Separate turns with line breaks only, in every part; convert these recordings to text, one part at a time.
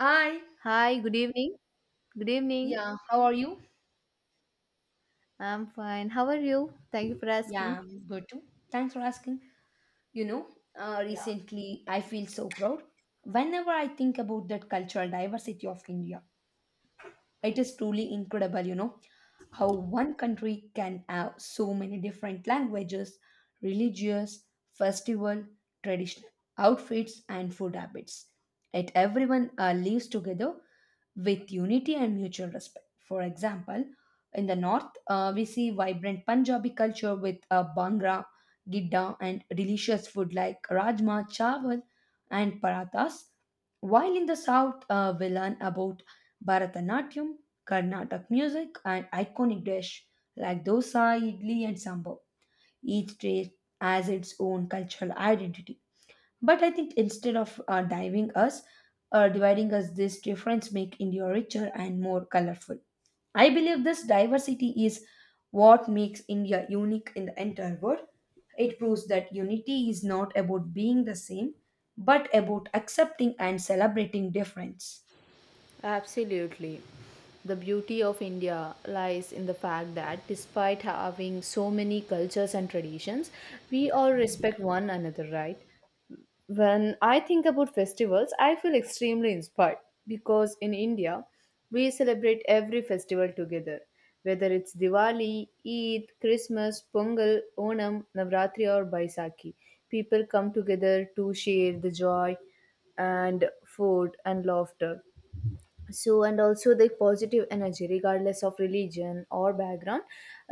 Hi.
Hi, good evening. Good evening.
Yeah, how are you?
I'm fine. How are you? Thank you for
Yeah,
asking.
I'm good too. Thanks for asking. You know, Recently I feel so proud whenever I think about that cultural diversity of India. It is truly incredible, you know, how one country can have so many different languages, religious, festival, traditional outfits, and food habits. Yet everyone lives together with unity and mutual respect. For example, in the north, we see vibrant Punjabi culture with Bhangra, Gidda, and delicious food like Rajma, Chawal, and Parathas. While in the south, we learn about Bharatanatyam, Carnatic music, and iconic dish like dosa, idli, and sambar. Each state has its own cultural identity. But I think instead of dividing us, this difference make India richer and more colorful. I believe this diversity is what makes India unique in the entire world. It proves that unity is not about being the same, but about accepting and celebrating difference.
Absolutely. The beauty of India lies in the fact that despite having so many cultures and traditions, we all respect one another, right? When I think about festivals, I feel extremely inspired because in India, we celebrate every festival together, whether it's Diwali, Eid, Christmas, Pongal, Onam, Navratri, or Baisakhi. People come together to share the joy and food and laughter, so and also the positive energy regardless of religion or background.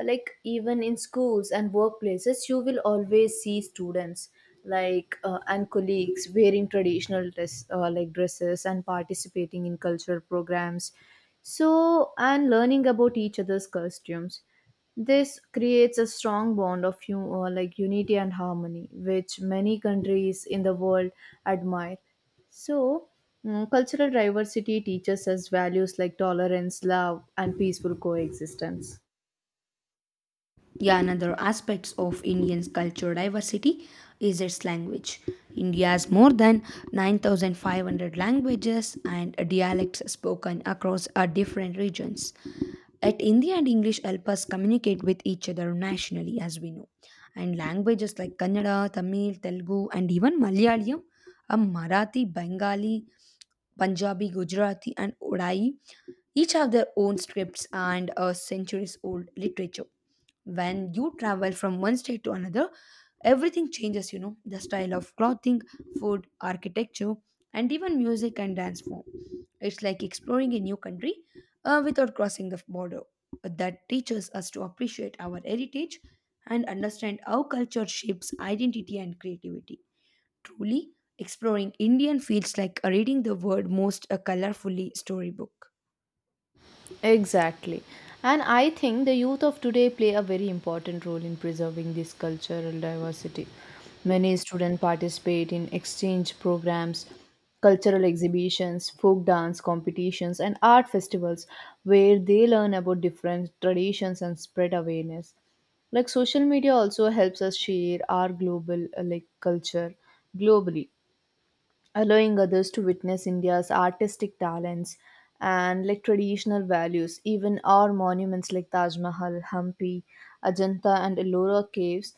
Like, even in schools and workplaces you will always see students, like and colleagues, wearing traditional dress, like dresses, and participating in cultural programs so and learning about each other's costumes. This creates a strong bond of, like, unity and harmony, which many countries in the world admire. So, cultural diversity teaches us values like tolerance, love, and peaceful coexistence.
Yeah, another aspects of Indian's cultural diversity is its language. India has more than 9,500 languages and dialects spoken across our different regions. At India and English help us communicate with each other nationally, as we know. And languages like Kannada, Tamil, Telugu, and even Malayalam, Marathi, Bengali, Punjabi, Gujarati, and Odai each have their own scripts and a centuries old literature. When you travel from one state to another, everything changes, you know, the style of clothing, food, architecture, and even music and dance form. It's like exploring a new country without crossing the border. That teaches us to appreciate our heritage and understand how culture shapes identity and creativity. Truly exploring indian feels like reading the world most a colorfully storybook.
Exactly. And I think the youth of today play a very important role in preserving this cultural diversity. Many students participate in exchange programs, cultural exhibitions, folk dance competitions, and art festivals where they learn about different traditions and spread awareness. Like, social media also helps us share our global, like, culture globally, allowing others to witness India's artistic talents and, like, traditional values. Even our monuments like Taj Mahal, Hampi, Ajanta, and Ellora caves,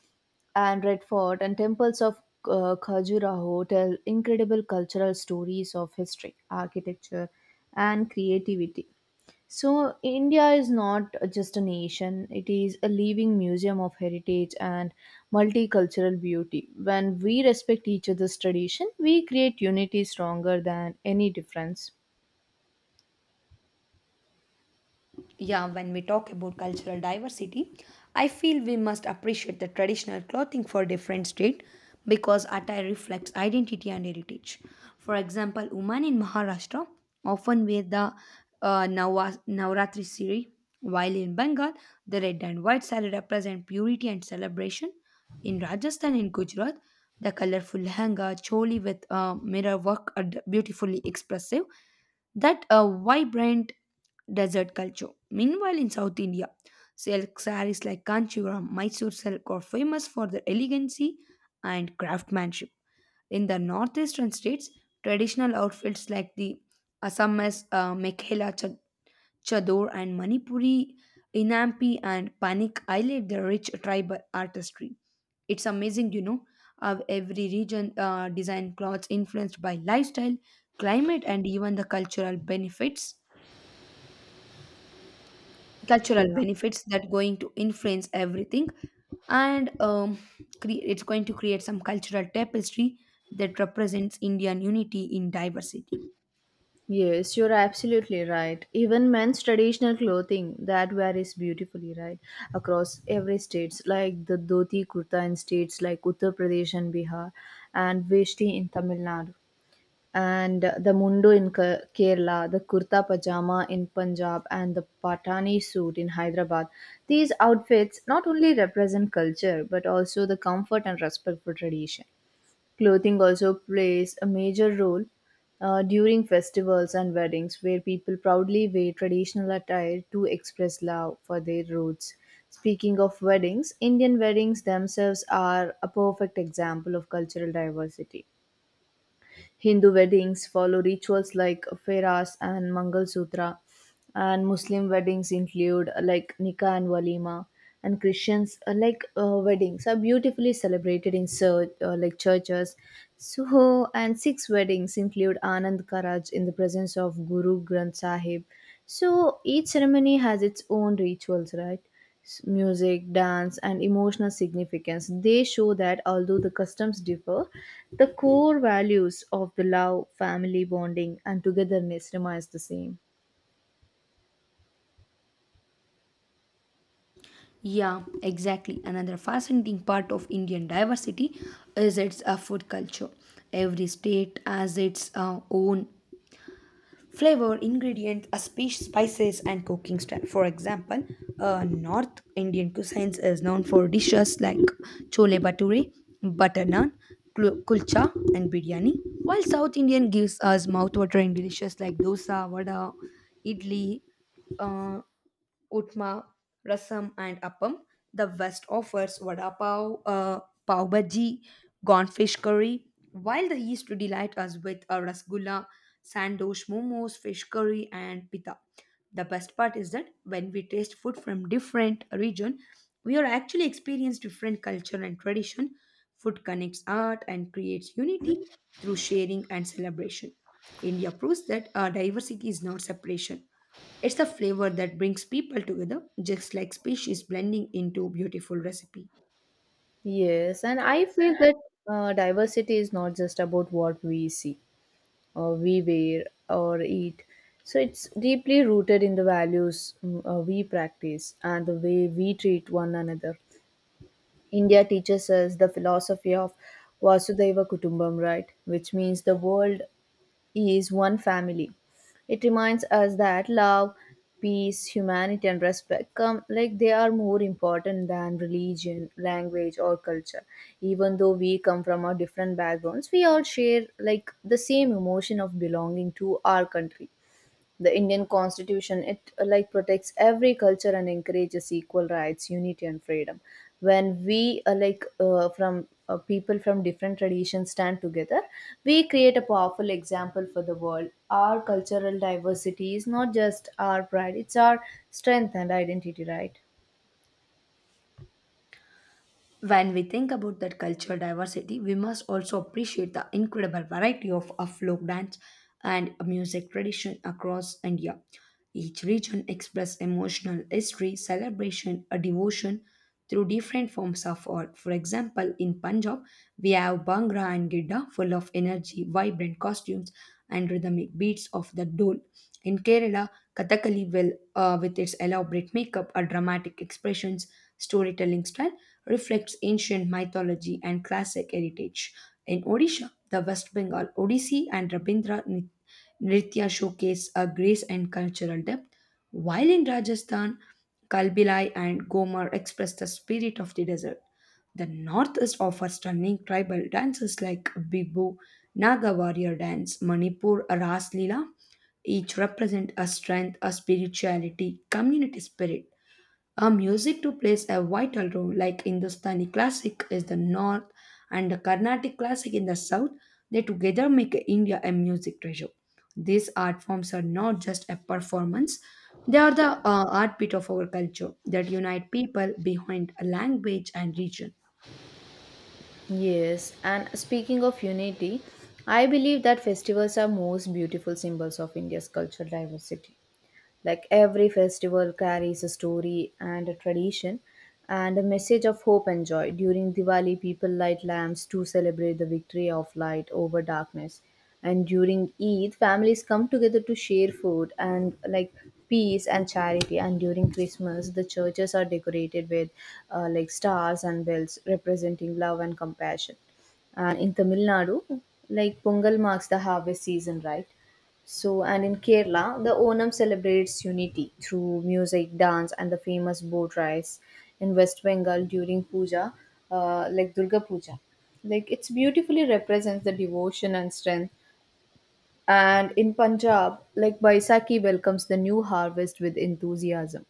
and Red Fort, and temples of Khajuraho tell incredible cultural stories of history, architecture, and creativity. So, India is not just a nation, it is a living museum of heritage and multicultural beauty. When we respect each other's tradition, we create unity stronger than any difference.
Yeah, when we talk about cultural diversity, I feel we must appreciate the traditional clothing for different state, because attire reflects identity and heritage. For example, women in Maharashtra often wear the Navratri sari, while in Bengal, the red and white sari represent purity and celebration. In Rajasthan and Gujarat, the colorful lehenga, choli with mirror work are beautifully expressive that a vibrant desert culture. Meanwhile, in South India, silk sarees like Kanchipuram, Mysore silk are famous for their elegancy and craftsmanship. In the northeastern states, traditional outfits like the Assamese Chador and Manipuri Inampi and Panik highlight their rich tribal artistry. It's amazing, you know, how every region design clothes influenced by lifestyle, climate, and even the cultural
Yeah.
benefits that going to influence everything, and it's going to create some cultural tapestry that represents indian unity in diversity.
Yes, you're absolutely right. Even men's traditional clothing that varies beautifully, right, across every states, like the dhoti kurta in states like Uttar Pradesh and Bihar, and veshti in Tamil Nadu, and the mundu in Kerala, the kurta pajama in Punjab, and the patani suit in Hyderabad. These outfits not only represent culture but also the comfort and respect for tradition. Clothing also plays a major role during festivals and weddings, where people proudly wear traditional attire to express love for their roots. Speaking of weddings, Indian weddings themselves are a perfect example of cultural diversity. Hindu weddings follow rituals like Feras and Mangal Sutra, and Muslim weddings include, like, Nikah and Walima, and Christians weddings are beautifully celebrated in like, churches. So, and Sikh weddings include Anand Karaj in the presence of Guru Granth Sahib. So, each ceremony has its own rituals, right? Music, dance, and emotional significance. They show that although the customs differ, the core values of the love, family bonding, and togetherness remains the same.
Yeah, exactly. Another fascinating part of Indian diversity is its food culture. Every state has its own flavor, ingredients, spices, and cooking style. For example, North Indian cuisine is known for dishes like chole bhature, butter naan, kulcha, and biryani, while South Indian gives us mouthwatering dishes like dosa, vada, idli, uh, Utma, Rasam, and Appam. The West offers vada pav, pav bhaji, gone fish curry, while the East delight us with a rasgulla, sandosh momos, fish curry, and pita. The best part is that when we taste food from different region, we are actually experience different culture and tradition. Food connects art and creates unity through sharing and celebration. India proves that diversity is not separation. It's the flavor that brings people together, just like species blending into beautiful recipe.
Yes, and I feel that diversity is not just about what we see or we wear or eat. So it's deeply rooted in the values, we practice, and the way we treat one another. India teaches us the philosophy of Vasudeva Kutumbam, right? Which means the world is one family. It reminds us that love, peace, humanity, and respect, come like, they are more important than religion, language, or culture. Even though we come from our different backgrounds, we all share, like, the same emotion of belonging to our country. The Indian Constitution, it like, protects every culture and encourages equal rights, unity, and freedom. When we, like from people from different traditions stand together, we create a powerful example for the world. Our cultural diversity is not just our pride; it's our strength and identity, right?
When we think about that cultural diversity, we must also appreciate the incredible variety of folk dance and music tradition across India. Each region expresses emotional history, celebration, a devotion through different forms of art. For example, in Punjab, we have Bhangra and Gidda full of energy, vibrant costumes, and rhythmic beats of the dole. In Kerala, Kathakali will, with its elaborate makeup, a dramatic expressions, storytelling style reflects ancient mythology and classic heritage. In Odisha, the West Bengal Odissi and Nritya showcase a grace and cultural depth, while in Rajasthan, Kalbilai and Gomar express the spirit of the desert. The Northeast offers stunning tribal dances like Bibu, Naga warrior dance, Manipur Ras Lila, each represent a strength, a spirituality, community spirit. A music too plays a vital role, like Hindustani classic is the north and the Carnatic classic in the south. They together make India a music treasure. These art forms are not just a performance; they are the heartbeat of our culture that unite people behind a language and region.
Yes, and speaking of unity, I believe that festivals are most beautiful symbols of India's cultural diversity. Like, every festival carries a story and a tradition and a message of hope and joy. During Diwali, people light lamps to celebrate the victory of light over darkness. And during Eid, families come together to share food and, like, peace and charity. And during Christmas, the churches are decorated with, like, stars and bells representing love and compassion. And in Tamil Nadu, like, Pongal marks the harvest season, right? So, and in Kerala, the Onam celebrates unity through music, dance, and the famous boat rides. In West Bengal during puja, like, Durga Puja, like, it's beautifully represents the devotion and strength. And in Punjab, like, Baisakhi welcomes the new harvest with enthusiasm.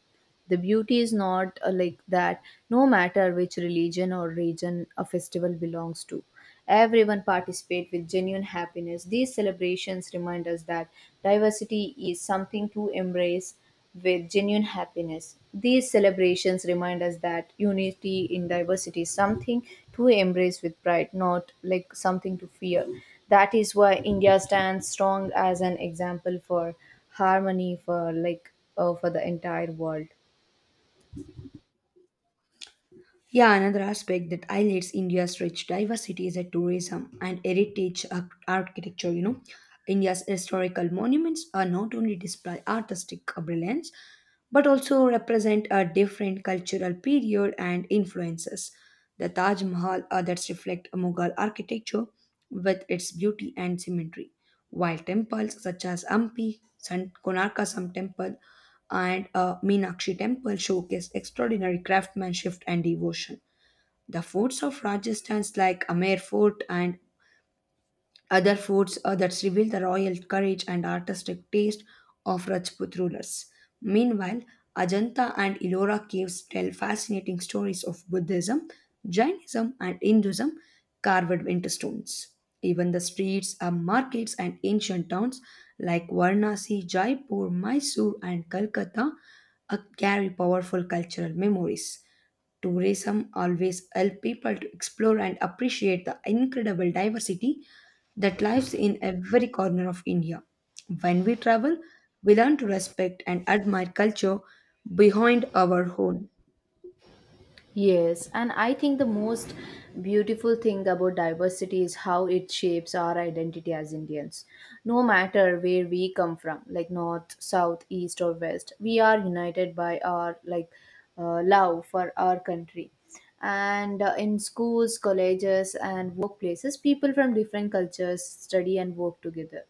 The beauty is, not like that, no matter which religion or region a festival belongs to, everyone participate with genuine happiness. These celebrations remind us that diversity is something to embrace with genuine happiness. These celebrations remind us that unity in diversity is something to embrace with pride, not, like, something to fear. That is why India stands strong as an example for harmony for, for the entire world.
Yeah, another aspect that highlights India's rich diversity is that tourism and architecture. You know, India's historical monuments are not only display artistic brilliance, but also represent a different cultural period and influences. The Taj Mahal that's reflect Mughal architecture with its beauty and symmetry, while temples such as Ampi, San Konarka Sam Temple, and Meenakshi temple showcase extraordinary craftsmanship and devotion. The forts of Rajasthan like Amer Fort and other foods that reveal the royal courage and artistic taste of Rajput rulers. Meanwhile, Ajanta and Ellora caves tell fascinating stories of Buddhism, Jainism, and Hinduism carved into stones. Even the streets are markets and ancient towns like Varanasi, Jaipur, Mysore, and Calcutta carry powerful cultural memories. Tourism always helps people to explore and appreciate the incredible diversity that lives in every corner of India. When we travel, we learn to respect and admire culture behind our own.
Yes, and I think the most beautiful thing about diversity is how it shapes our identity as Indians. No matter where we come from, like, north, south, east, or west, we are united by our, love for our country. And in schools, colleges, and workplaces, people from different cultures study and work together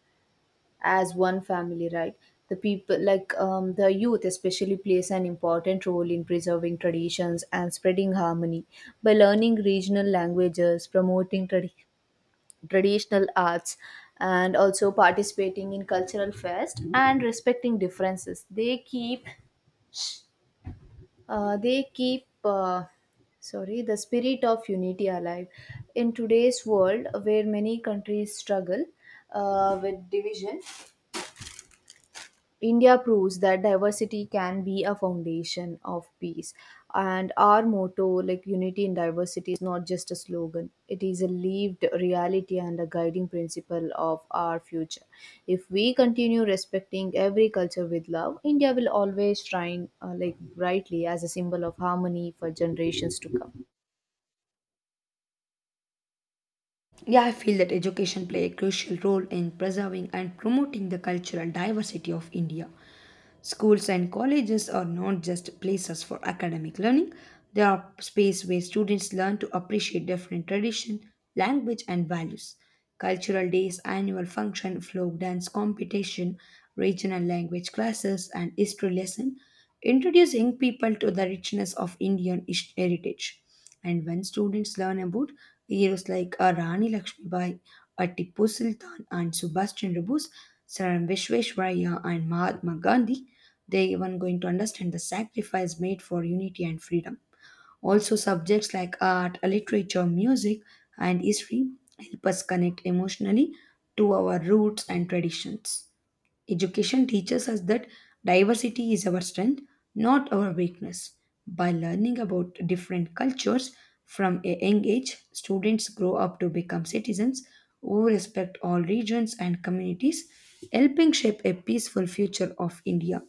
as one family, right? The people like, the youth especially plays an important role in preserving traditions and spreading harmony by learning regional languages, promoting traditional arts and also participating in cultural fest, and respecting differences. They keep, uh, they keep uh, sorry, the spirit of unity alive in today's world where many countries struggle with division. India proves that diversity can be a foundation of peace. And our motto, like, unity in diversity, is not just a slogan, it is a lived reality and a guiding principle of our future. If we continue respecting every culture with love, India will always shine, like, brightly as a symbol of harmony for generations to come.
Yeah, I feel that education play a crucial role in preserving and promoting the cultural diversity of India. Schools and colleges are not just places for academic learning, they are space where students learn to appreciate different tradition, language and values. Cultural days, annual function, folk dance competition, regional language classes and history lesson introduce young people to the richness of heritage. And when students learn about heroes like Rani Lakshmibai, Tipu Sultan, and Subhash Chandra Bose, Sir Vishveshwaraya, and Mahatma Gandhi, they even going to understand the sacrifice made for unity and freedom. Also, subjects like art, literature, music, and history help us connect emotionally to our roots and traditions. Education teaches us that diversity is our strength, not our weakness. By learning about different cultures from a young age, students grow up to become citizens who respect all regions and communities, helping shape a peaceful future of India.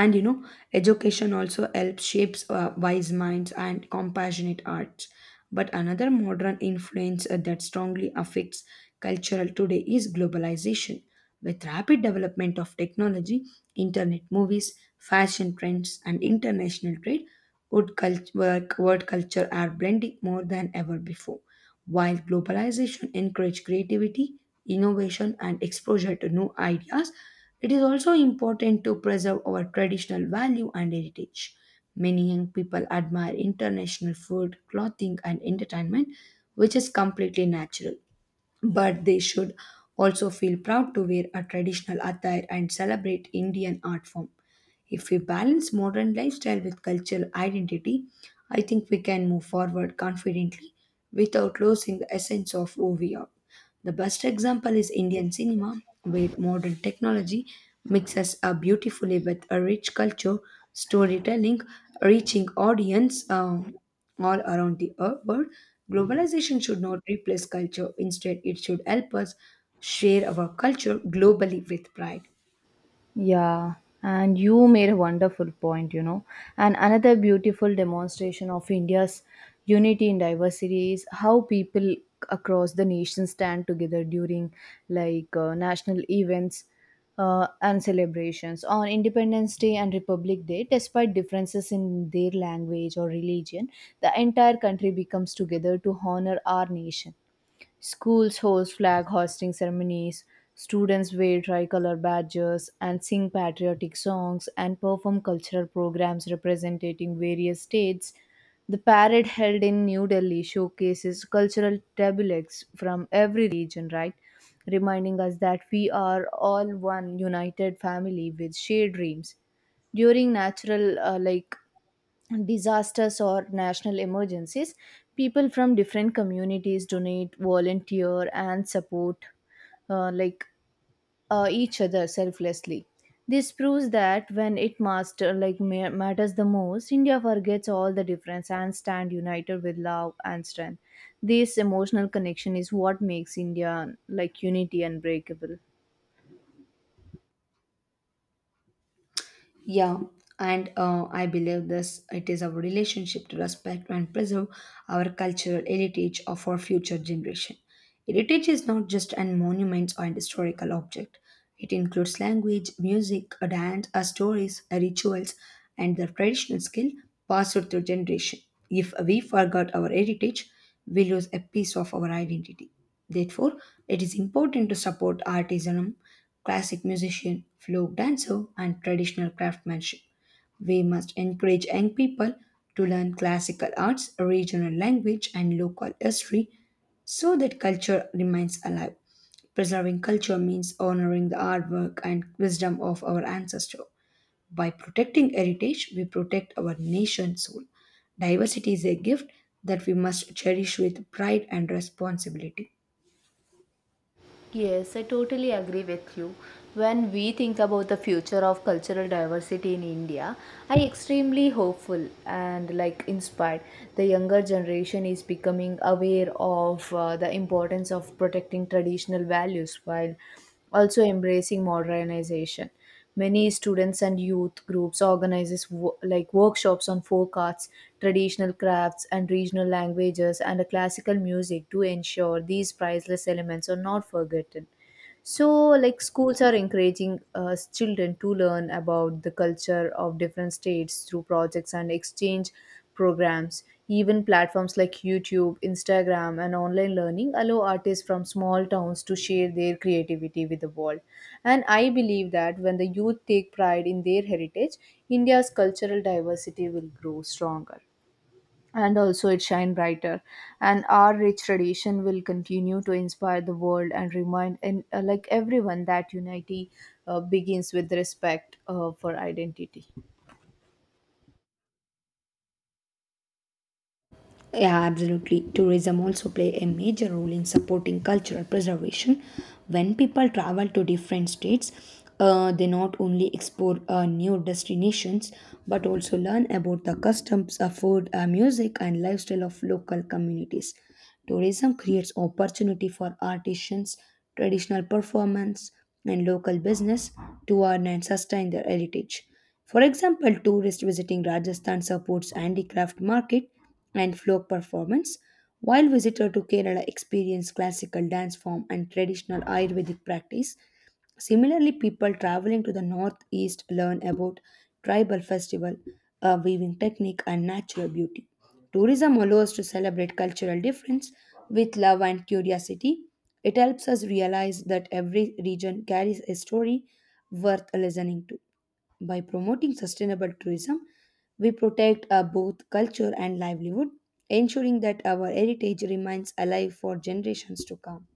And you know, education also helps shapes wise minds and compassionate hearts, but another modern influence that strongly affects cultural today is globalization. With rapid development of technology, internet, movies, fashion trends, and international trade, would word culture are blending more than ever before. While globalization encourages creativity, innovation, and exposure to new ideas, it is also important to preserve our traditional value and heritage. Many young people admire international food, clothing, and entertainment, which is completely natural, but they should also feel proud to wear a traditional attire and celebrate Indian art form. If we balance modern lifestyle with cultural identity, I think we can move forward confidently without losing the essence of who we are. The best example is Indian cinema, where modern technology mixes beautifully with a rich culture, storytelling, reaching audience all around the world. Globalization should not replace culture. Instead, it should help us share our culture globally with pride.
Yeah, and you made a wonderful point, you know. And another beautiful demonstration of India's unity in diversity is how people across the nation stand together during, national events and celebrations on Independence Day and Republic Day. Despite differences in their language or religion, the entire country becomes together to honor our nation. Schools host flag hoisting ceremonies, students wear tricolor badges and sing patriotic songs and perform cultural programs representing various states. The parade held in New Delhi showcases cultural tableaux from every region, right? Reminding us that we are all one united family with shared dreams. During natural, disasters or national emergencies, people from different communities donate, volunteer, and support, uh, like each other selflessly. This proves that when it matters the most, India forgets all the difference and stand united with love and strength. This emotional connection is what makes India, like, unity unbreakable.
Yeah, and I believe this it is our relationship to respect and preserve our cultural heritage of our future generation. Heritage is not just an monument or an historical object. It includes language, music, a dance, a stories, a rituals, and the traditional skill passed through generation. If we forgot our heritage, we lose a piece of our identity. Therefore, it is important to support artisanum, classic musician, folk dancer, and traditional craftsmanship. We must encourage young people to learn classical arts, regional language, and local history so that culture remains alive. Preserving culture means honoring the artwork and wisdom of our ancestors. By protecting heritage, we protect our nation's soul. Diversity is a gift that we must cherish with pride and responsibility.
Yes, I totally agree with you. When we think about the future of cultural diversity in India, I extremely hopeful and, like, inspired. The younger generation is becoming aware of the importance of protecting traditional values while also embracing modernization. Many students and youth groups organizes like, workshops on folk arts, traditional crafts and regional languages and a classical music to ensure these priceless elements are not forgotten. So like, schools are encouraging children to learn about the culture of different states through projects and exchange programs. Even platforms like YouTube, Instagram, and online learning allow artists from small towns to share their creativity with the world. And I believe that when the youth take pride in their heritage, India's cultural diversity will grow stronger and also it shine brighter, and our rich tradition will continue to inspire the world and remind and like, everyone that unity begins with respect for identity.
Yeah, absolutely. Tourism also play a major role in supporting cultural preservation. When people travel to different states, they not only explore new destinations but also learn about the customs, food, music, and lifestyle of local communities. Tourism creates opportunity for artisans, traditional performance, and local business to earn and sustain their heritage. For example, tourists visiting Rajasthan supports handicraft market and folk performance, while visitors to Kerala experience classical dance form and traditional Ayurvedic practice. Similarly, people traveling to the northeast learn about tribal festival, weaving technique, and natural beauty. Tourism allows to celebrate cultural difference with love and curiosity. It helps us realize that every region carries a story worth listening to. By promoting sustainable tourism, we protect both culture and livelihood, ensuring that our heritage remains alive for generations to come.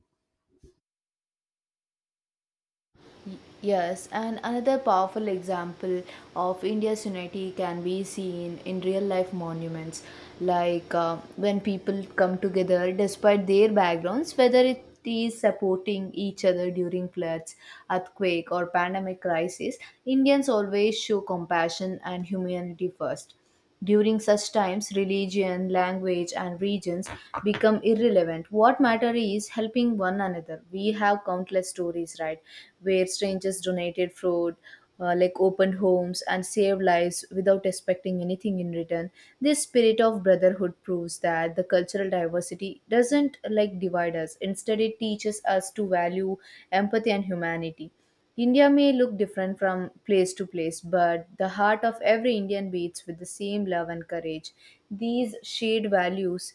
Y- Yes, and another powerful example of India's unity can be seen in real life monuments, like, when people come together despite their backgrounds, whether it is supporting each other during floods, earthquake, or pandemic crisis, Indians always show compassion and humanity first. During such times, religion, language, and regions become irrelevant. What matter is helping one another. We have countless stories, right, where strangers donated food, like, opened homes, and saved lives without expecting anything in return. This spirit of brotherhood proves that the cultural diversity doesn't, like, divide us. Instead, it teaches us to value empathy and humanity. India may look different from place to place, but the heart of every Indian beats with the same love and courage. These shared values,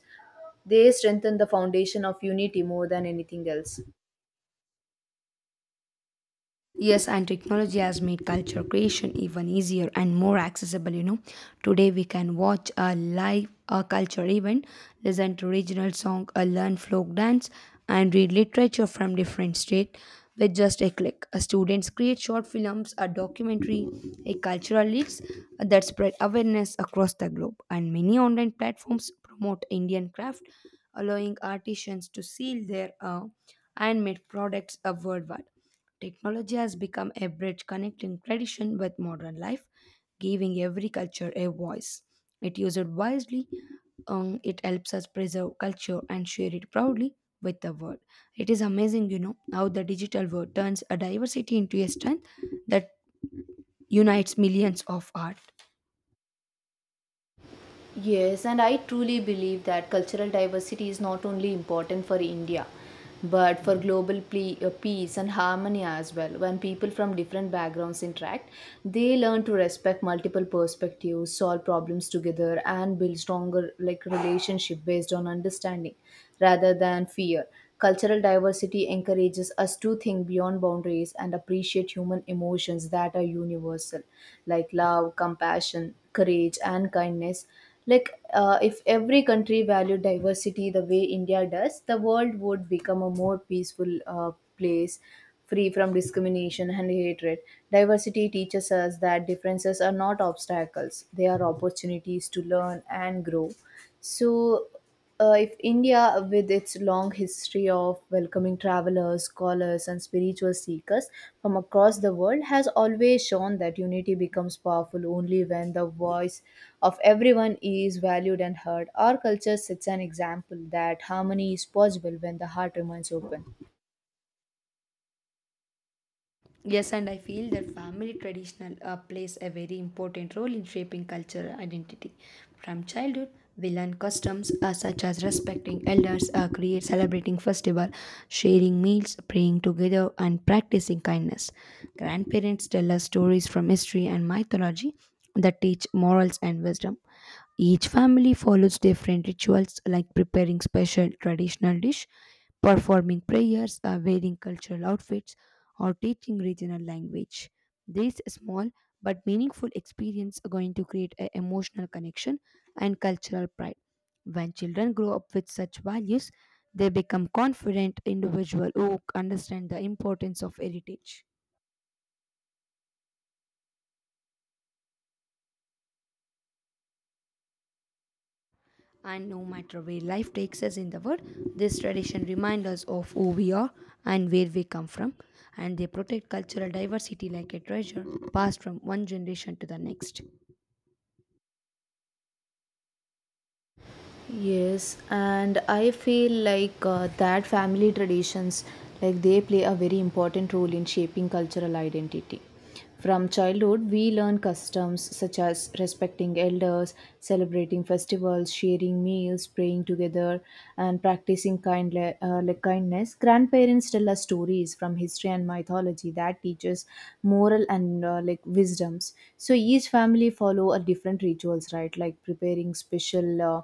they strengthen the foundation of unity more than anything else.
Yes, and technology has made culture creation even easier and more accessible. You know, today we can watch a live a culture event, listen to regional song, a learn folk dance, and read literature from different state with just a click. Students create short films, a documentary, a cultural leaks that spread awareness across the globe, and many online platforms promote Indian craft, allowing artisans to sell their handmade products worldwide. Technology has become a bridge connecting tradition with modern life, giving every culture a voice. It used wisely, it helps us preserve culture and share it proudly with the world. It is amazing, you know, how the digital world turns a diversity into a strength that unites millions of art.
Yes, and I truly believe that cultural diversity is not only important for India, but for global peace and harmony as well. When people from different backgrounds interact, they learn to respect multiple perspectives, solve problems together, and build stronger, like, relationship based on understanding rather than fear. Cultural diversity encourages us to think beyond boundaries and appreciate human emotions that are universal, like love, compassion, courage, and kindness. If every country valued diversity the way India does, the world would become a more peaceful, place, free from discrimination and hatred. Diversity teaches us that differences are not obstacles, they are opportunities to learn and grow. so if India, with its long history of welcoming travelers, scholars, and spiritual seekers from across the world, has always shown that unity becomes powerful only when the voice of everyone is valued and heard. Our culture sets an example that harmony is possible when the heart remains open.
Yes, and I feel that family traditional plays a very important role in shaping cultural identity. From childhood, we learn customs such as respecting elders, create celebrating festival, sharing meals, praying together, and practicing kindness. Grandparents tell us stories from history and mythology that teach morals and wisdom. Each family follows different rituals like preparing special traditional dish performing prayers, wearing cultural outfits, or teaching regional language. These small but meaningful experiences are going to create an emotional connection and cultural pride. When children grow up with such values, they become confident individuals who understand the importance of heritage. And no matter where life takes us in the world, this tradition reminds us of who we are and where we come from, and they protect cultural diversity like a treasure passed from one generation to the next.
Yes, and I feel like that family traditions, like, they play a very important role in shaping cultural identity. From childhood, we learn customs such as respecting elders, celebrating festivals, sharing meals, praying together, and practicing like, kindness. Grandparents tell us stories from history and mythology that teaches moral and, like, wisdoms. So each family follow a different rituals, right? Like, preparing special.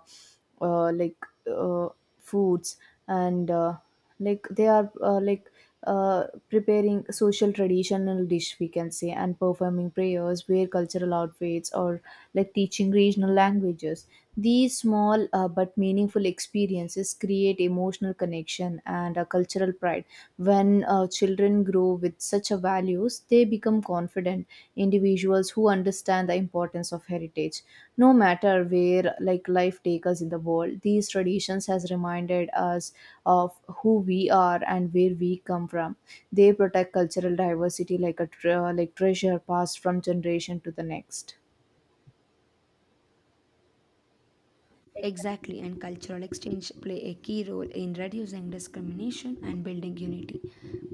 uh, like uh, Foods, and like they are like preparing social traditional dish, we can say, and performing prayers, wear cultural outfits, or, like, teaching regional languages. These small but meaningful experiences create emotional connection and a cultural pride. When children grow with such a values, they become confident individuals who understand the importance of heritage. No matter where, like, life takes us in the world, these traditions has reminded us of who we are and where we come from. They protect cultural diversity like a like, treasure, passed from generation to the next.
Exactly, and cultural exchange play a key role in reducing discrimination and building unity.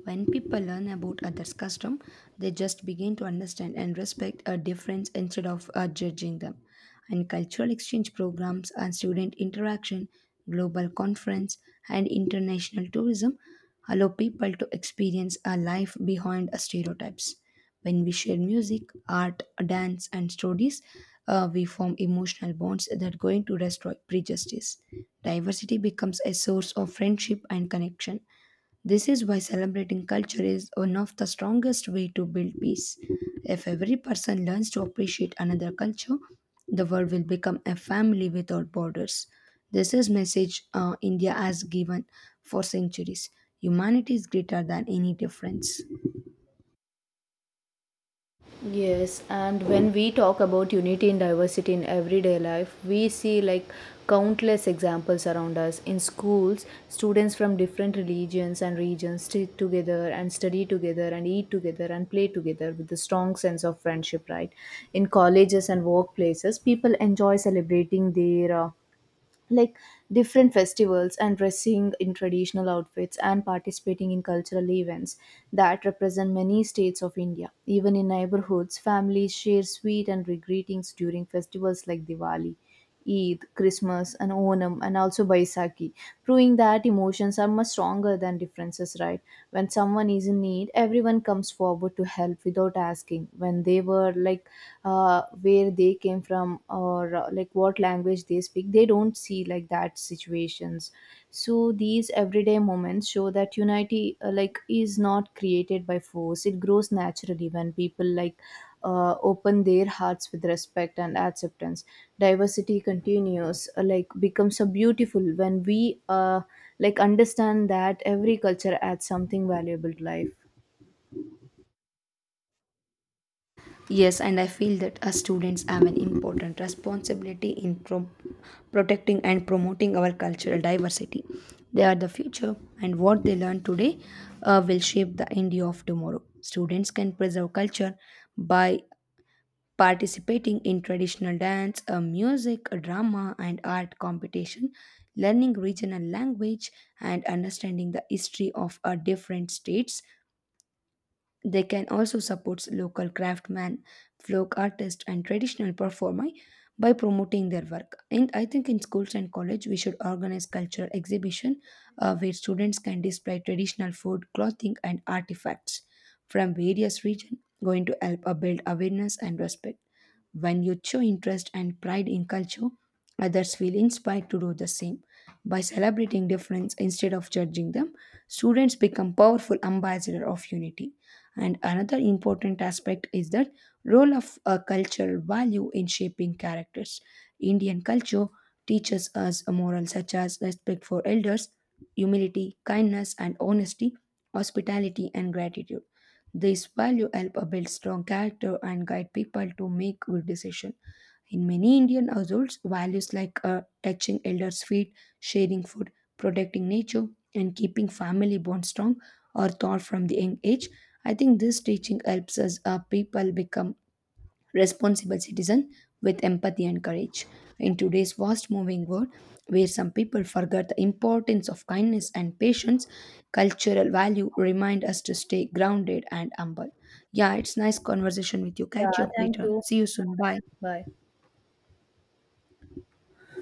When people learn about others' custom, they just begin to understand and respect a difference instead of judging them. And cultural exchange programs and student interaction, global conference, and international tourism allow people to experience a life behind stereotypes. When we share music, art, dance, and stories, we form emotional bonds that are going to destroy prejudice. Diversity becomes a source of friendship and connection. This is why celebrating culture is one of the strongest way to build peace. If every person learns to appreciate another culture, the world will become a family without borders. This is message India has given for centuries. Humanity is greater than any difference.
Yes, and when we talk about unity and diversity in everyday life, we see, like, countless examples around us. In schools, students from different religions and regions sit together and study together and eat together and play together with a strong sense of friendship, right? In colleges and workplaces, people enjoy celebrating their, like, different festivals, and dressing in traditional outfits, and participating in cultural events that represent many states of India. Even in neighborhoods, families share sweet and greetings during festivals like Diwali, Eid, Christmas, and Onam, and also Baisakhi, proving that emotions are much stronger than differences, right? When someone is in need, everyone comes forward to help without asking. When they were like, where they came from, or, like, what language they speak, they don't see like that situations. So these everyday moments show that unity, like, is not created by force, it grows naturally when people, open their hearts with respect and acceptance. Diversity continues, becomes so beautiful when we uh, like, understand that every culture adds something valuable to life.
Yes, and I feel that us students have an important responsibility in protecting and promoting our cultural diversity. They are the future, and what they learn today will shape the India of tomorrow. Students can preserve culture by participating in traditional dance, music, drama, and art competition, learning regional language, and understanding the history of our different states. They can also support local craftsmen, folk artists, and traditional performers by promoting their work. And I think in schools and college, we should organize cultural exhibition where students can display traditional food, clothing, and artifacts from various regions, going to help build awareness and respect. When you show interest and pride in culture, others feel inspired to do the same. By celebrating difference instead of judging them, students become powerful ambassador of unity. And another important aspect is the role of a cultural value in shaping characters. Indian culture teaches us a moral such as respect for elders, humility, kindness and honesty, hospitality and gratitude. These value help build strong character and guide people to make good decisions in many Indian households. Values like touching elders' feet, sharing food, protecting nature, and keeping family bonds strong are taught from the young age. I think this teaching helps us people become responsible citizens with empathy and courage. In today's fast moving world, where some people forget the importance of kindness and patience, cultural value remind us to stay grounded and humble. Yeah, it's nice conversation with you. Catch you
Yeah,
up
thank
later.
you.
See you soon. Bye.
Bye.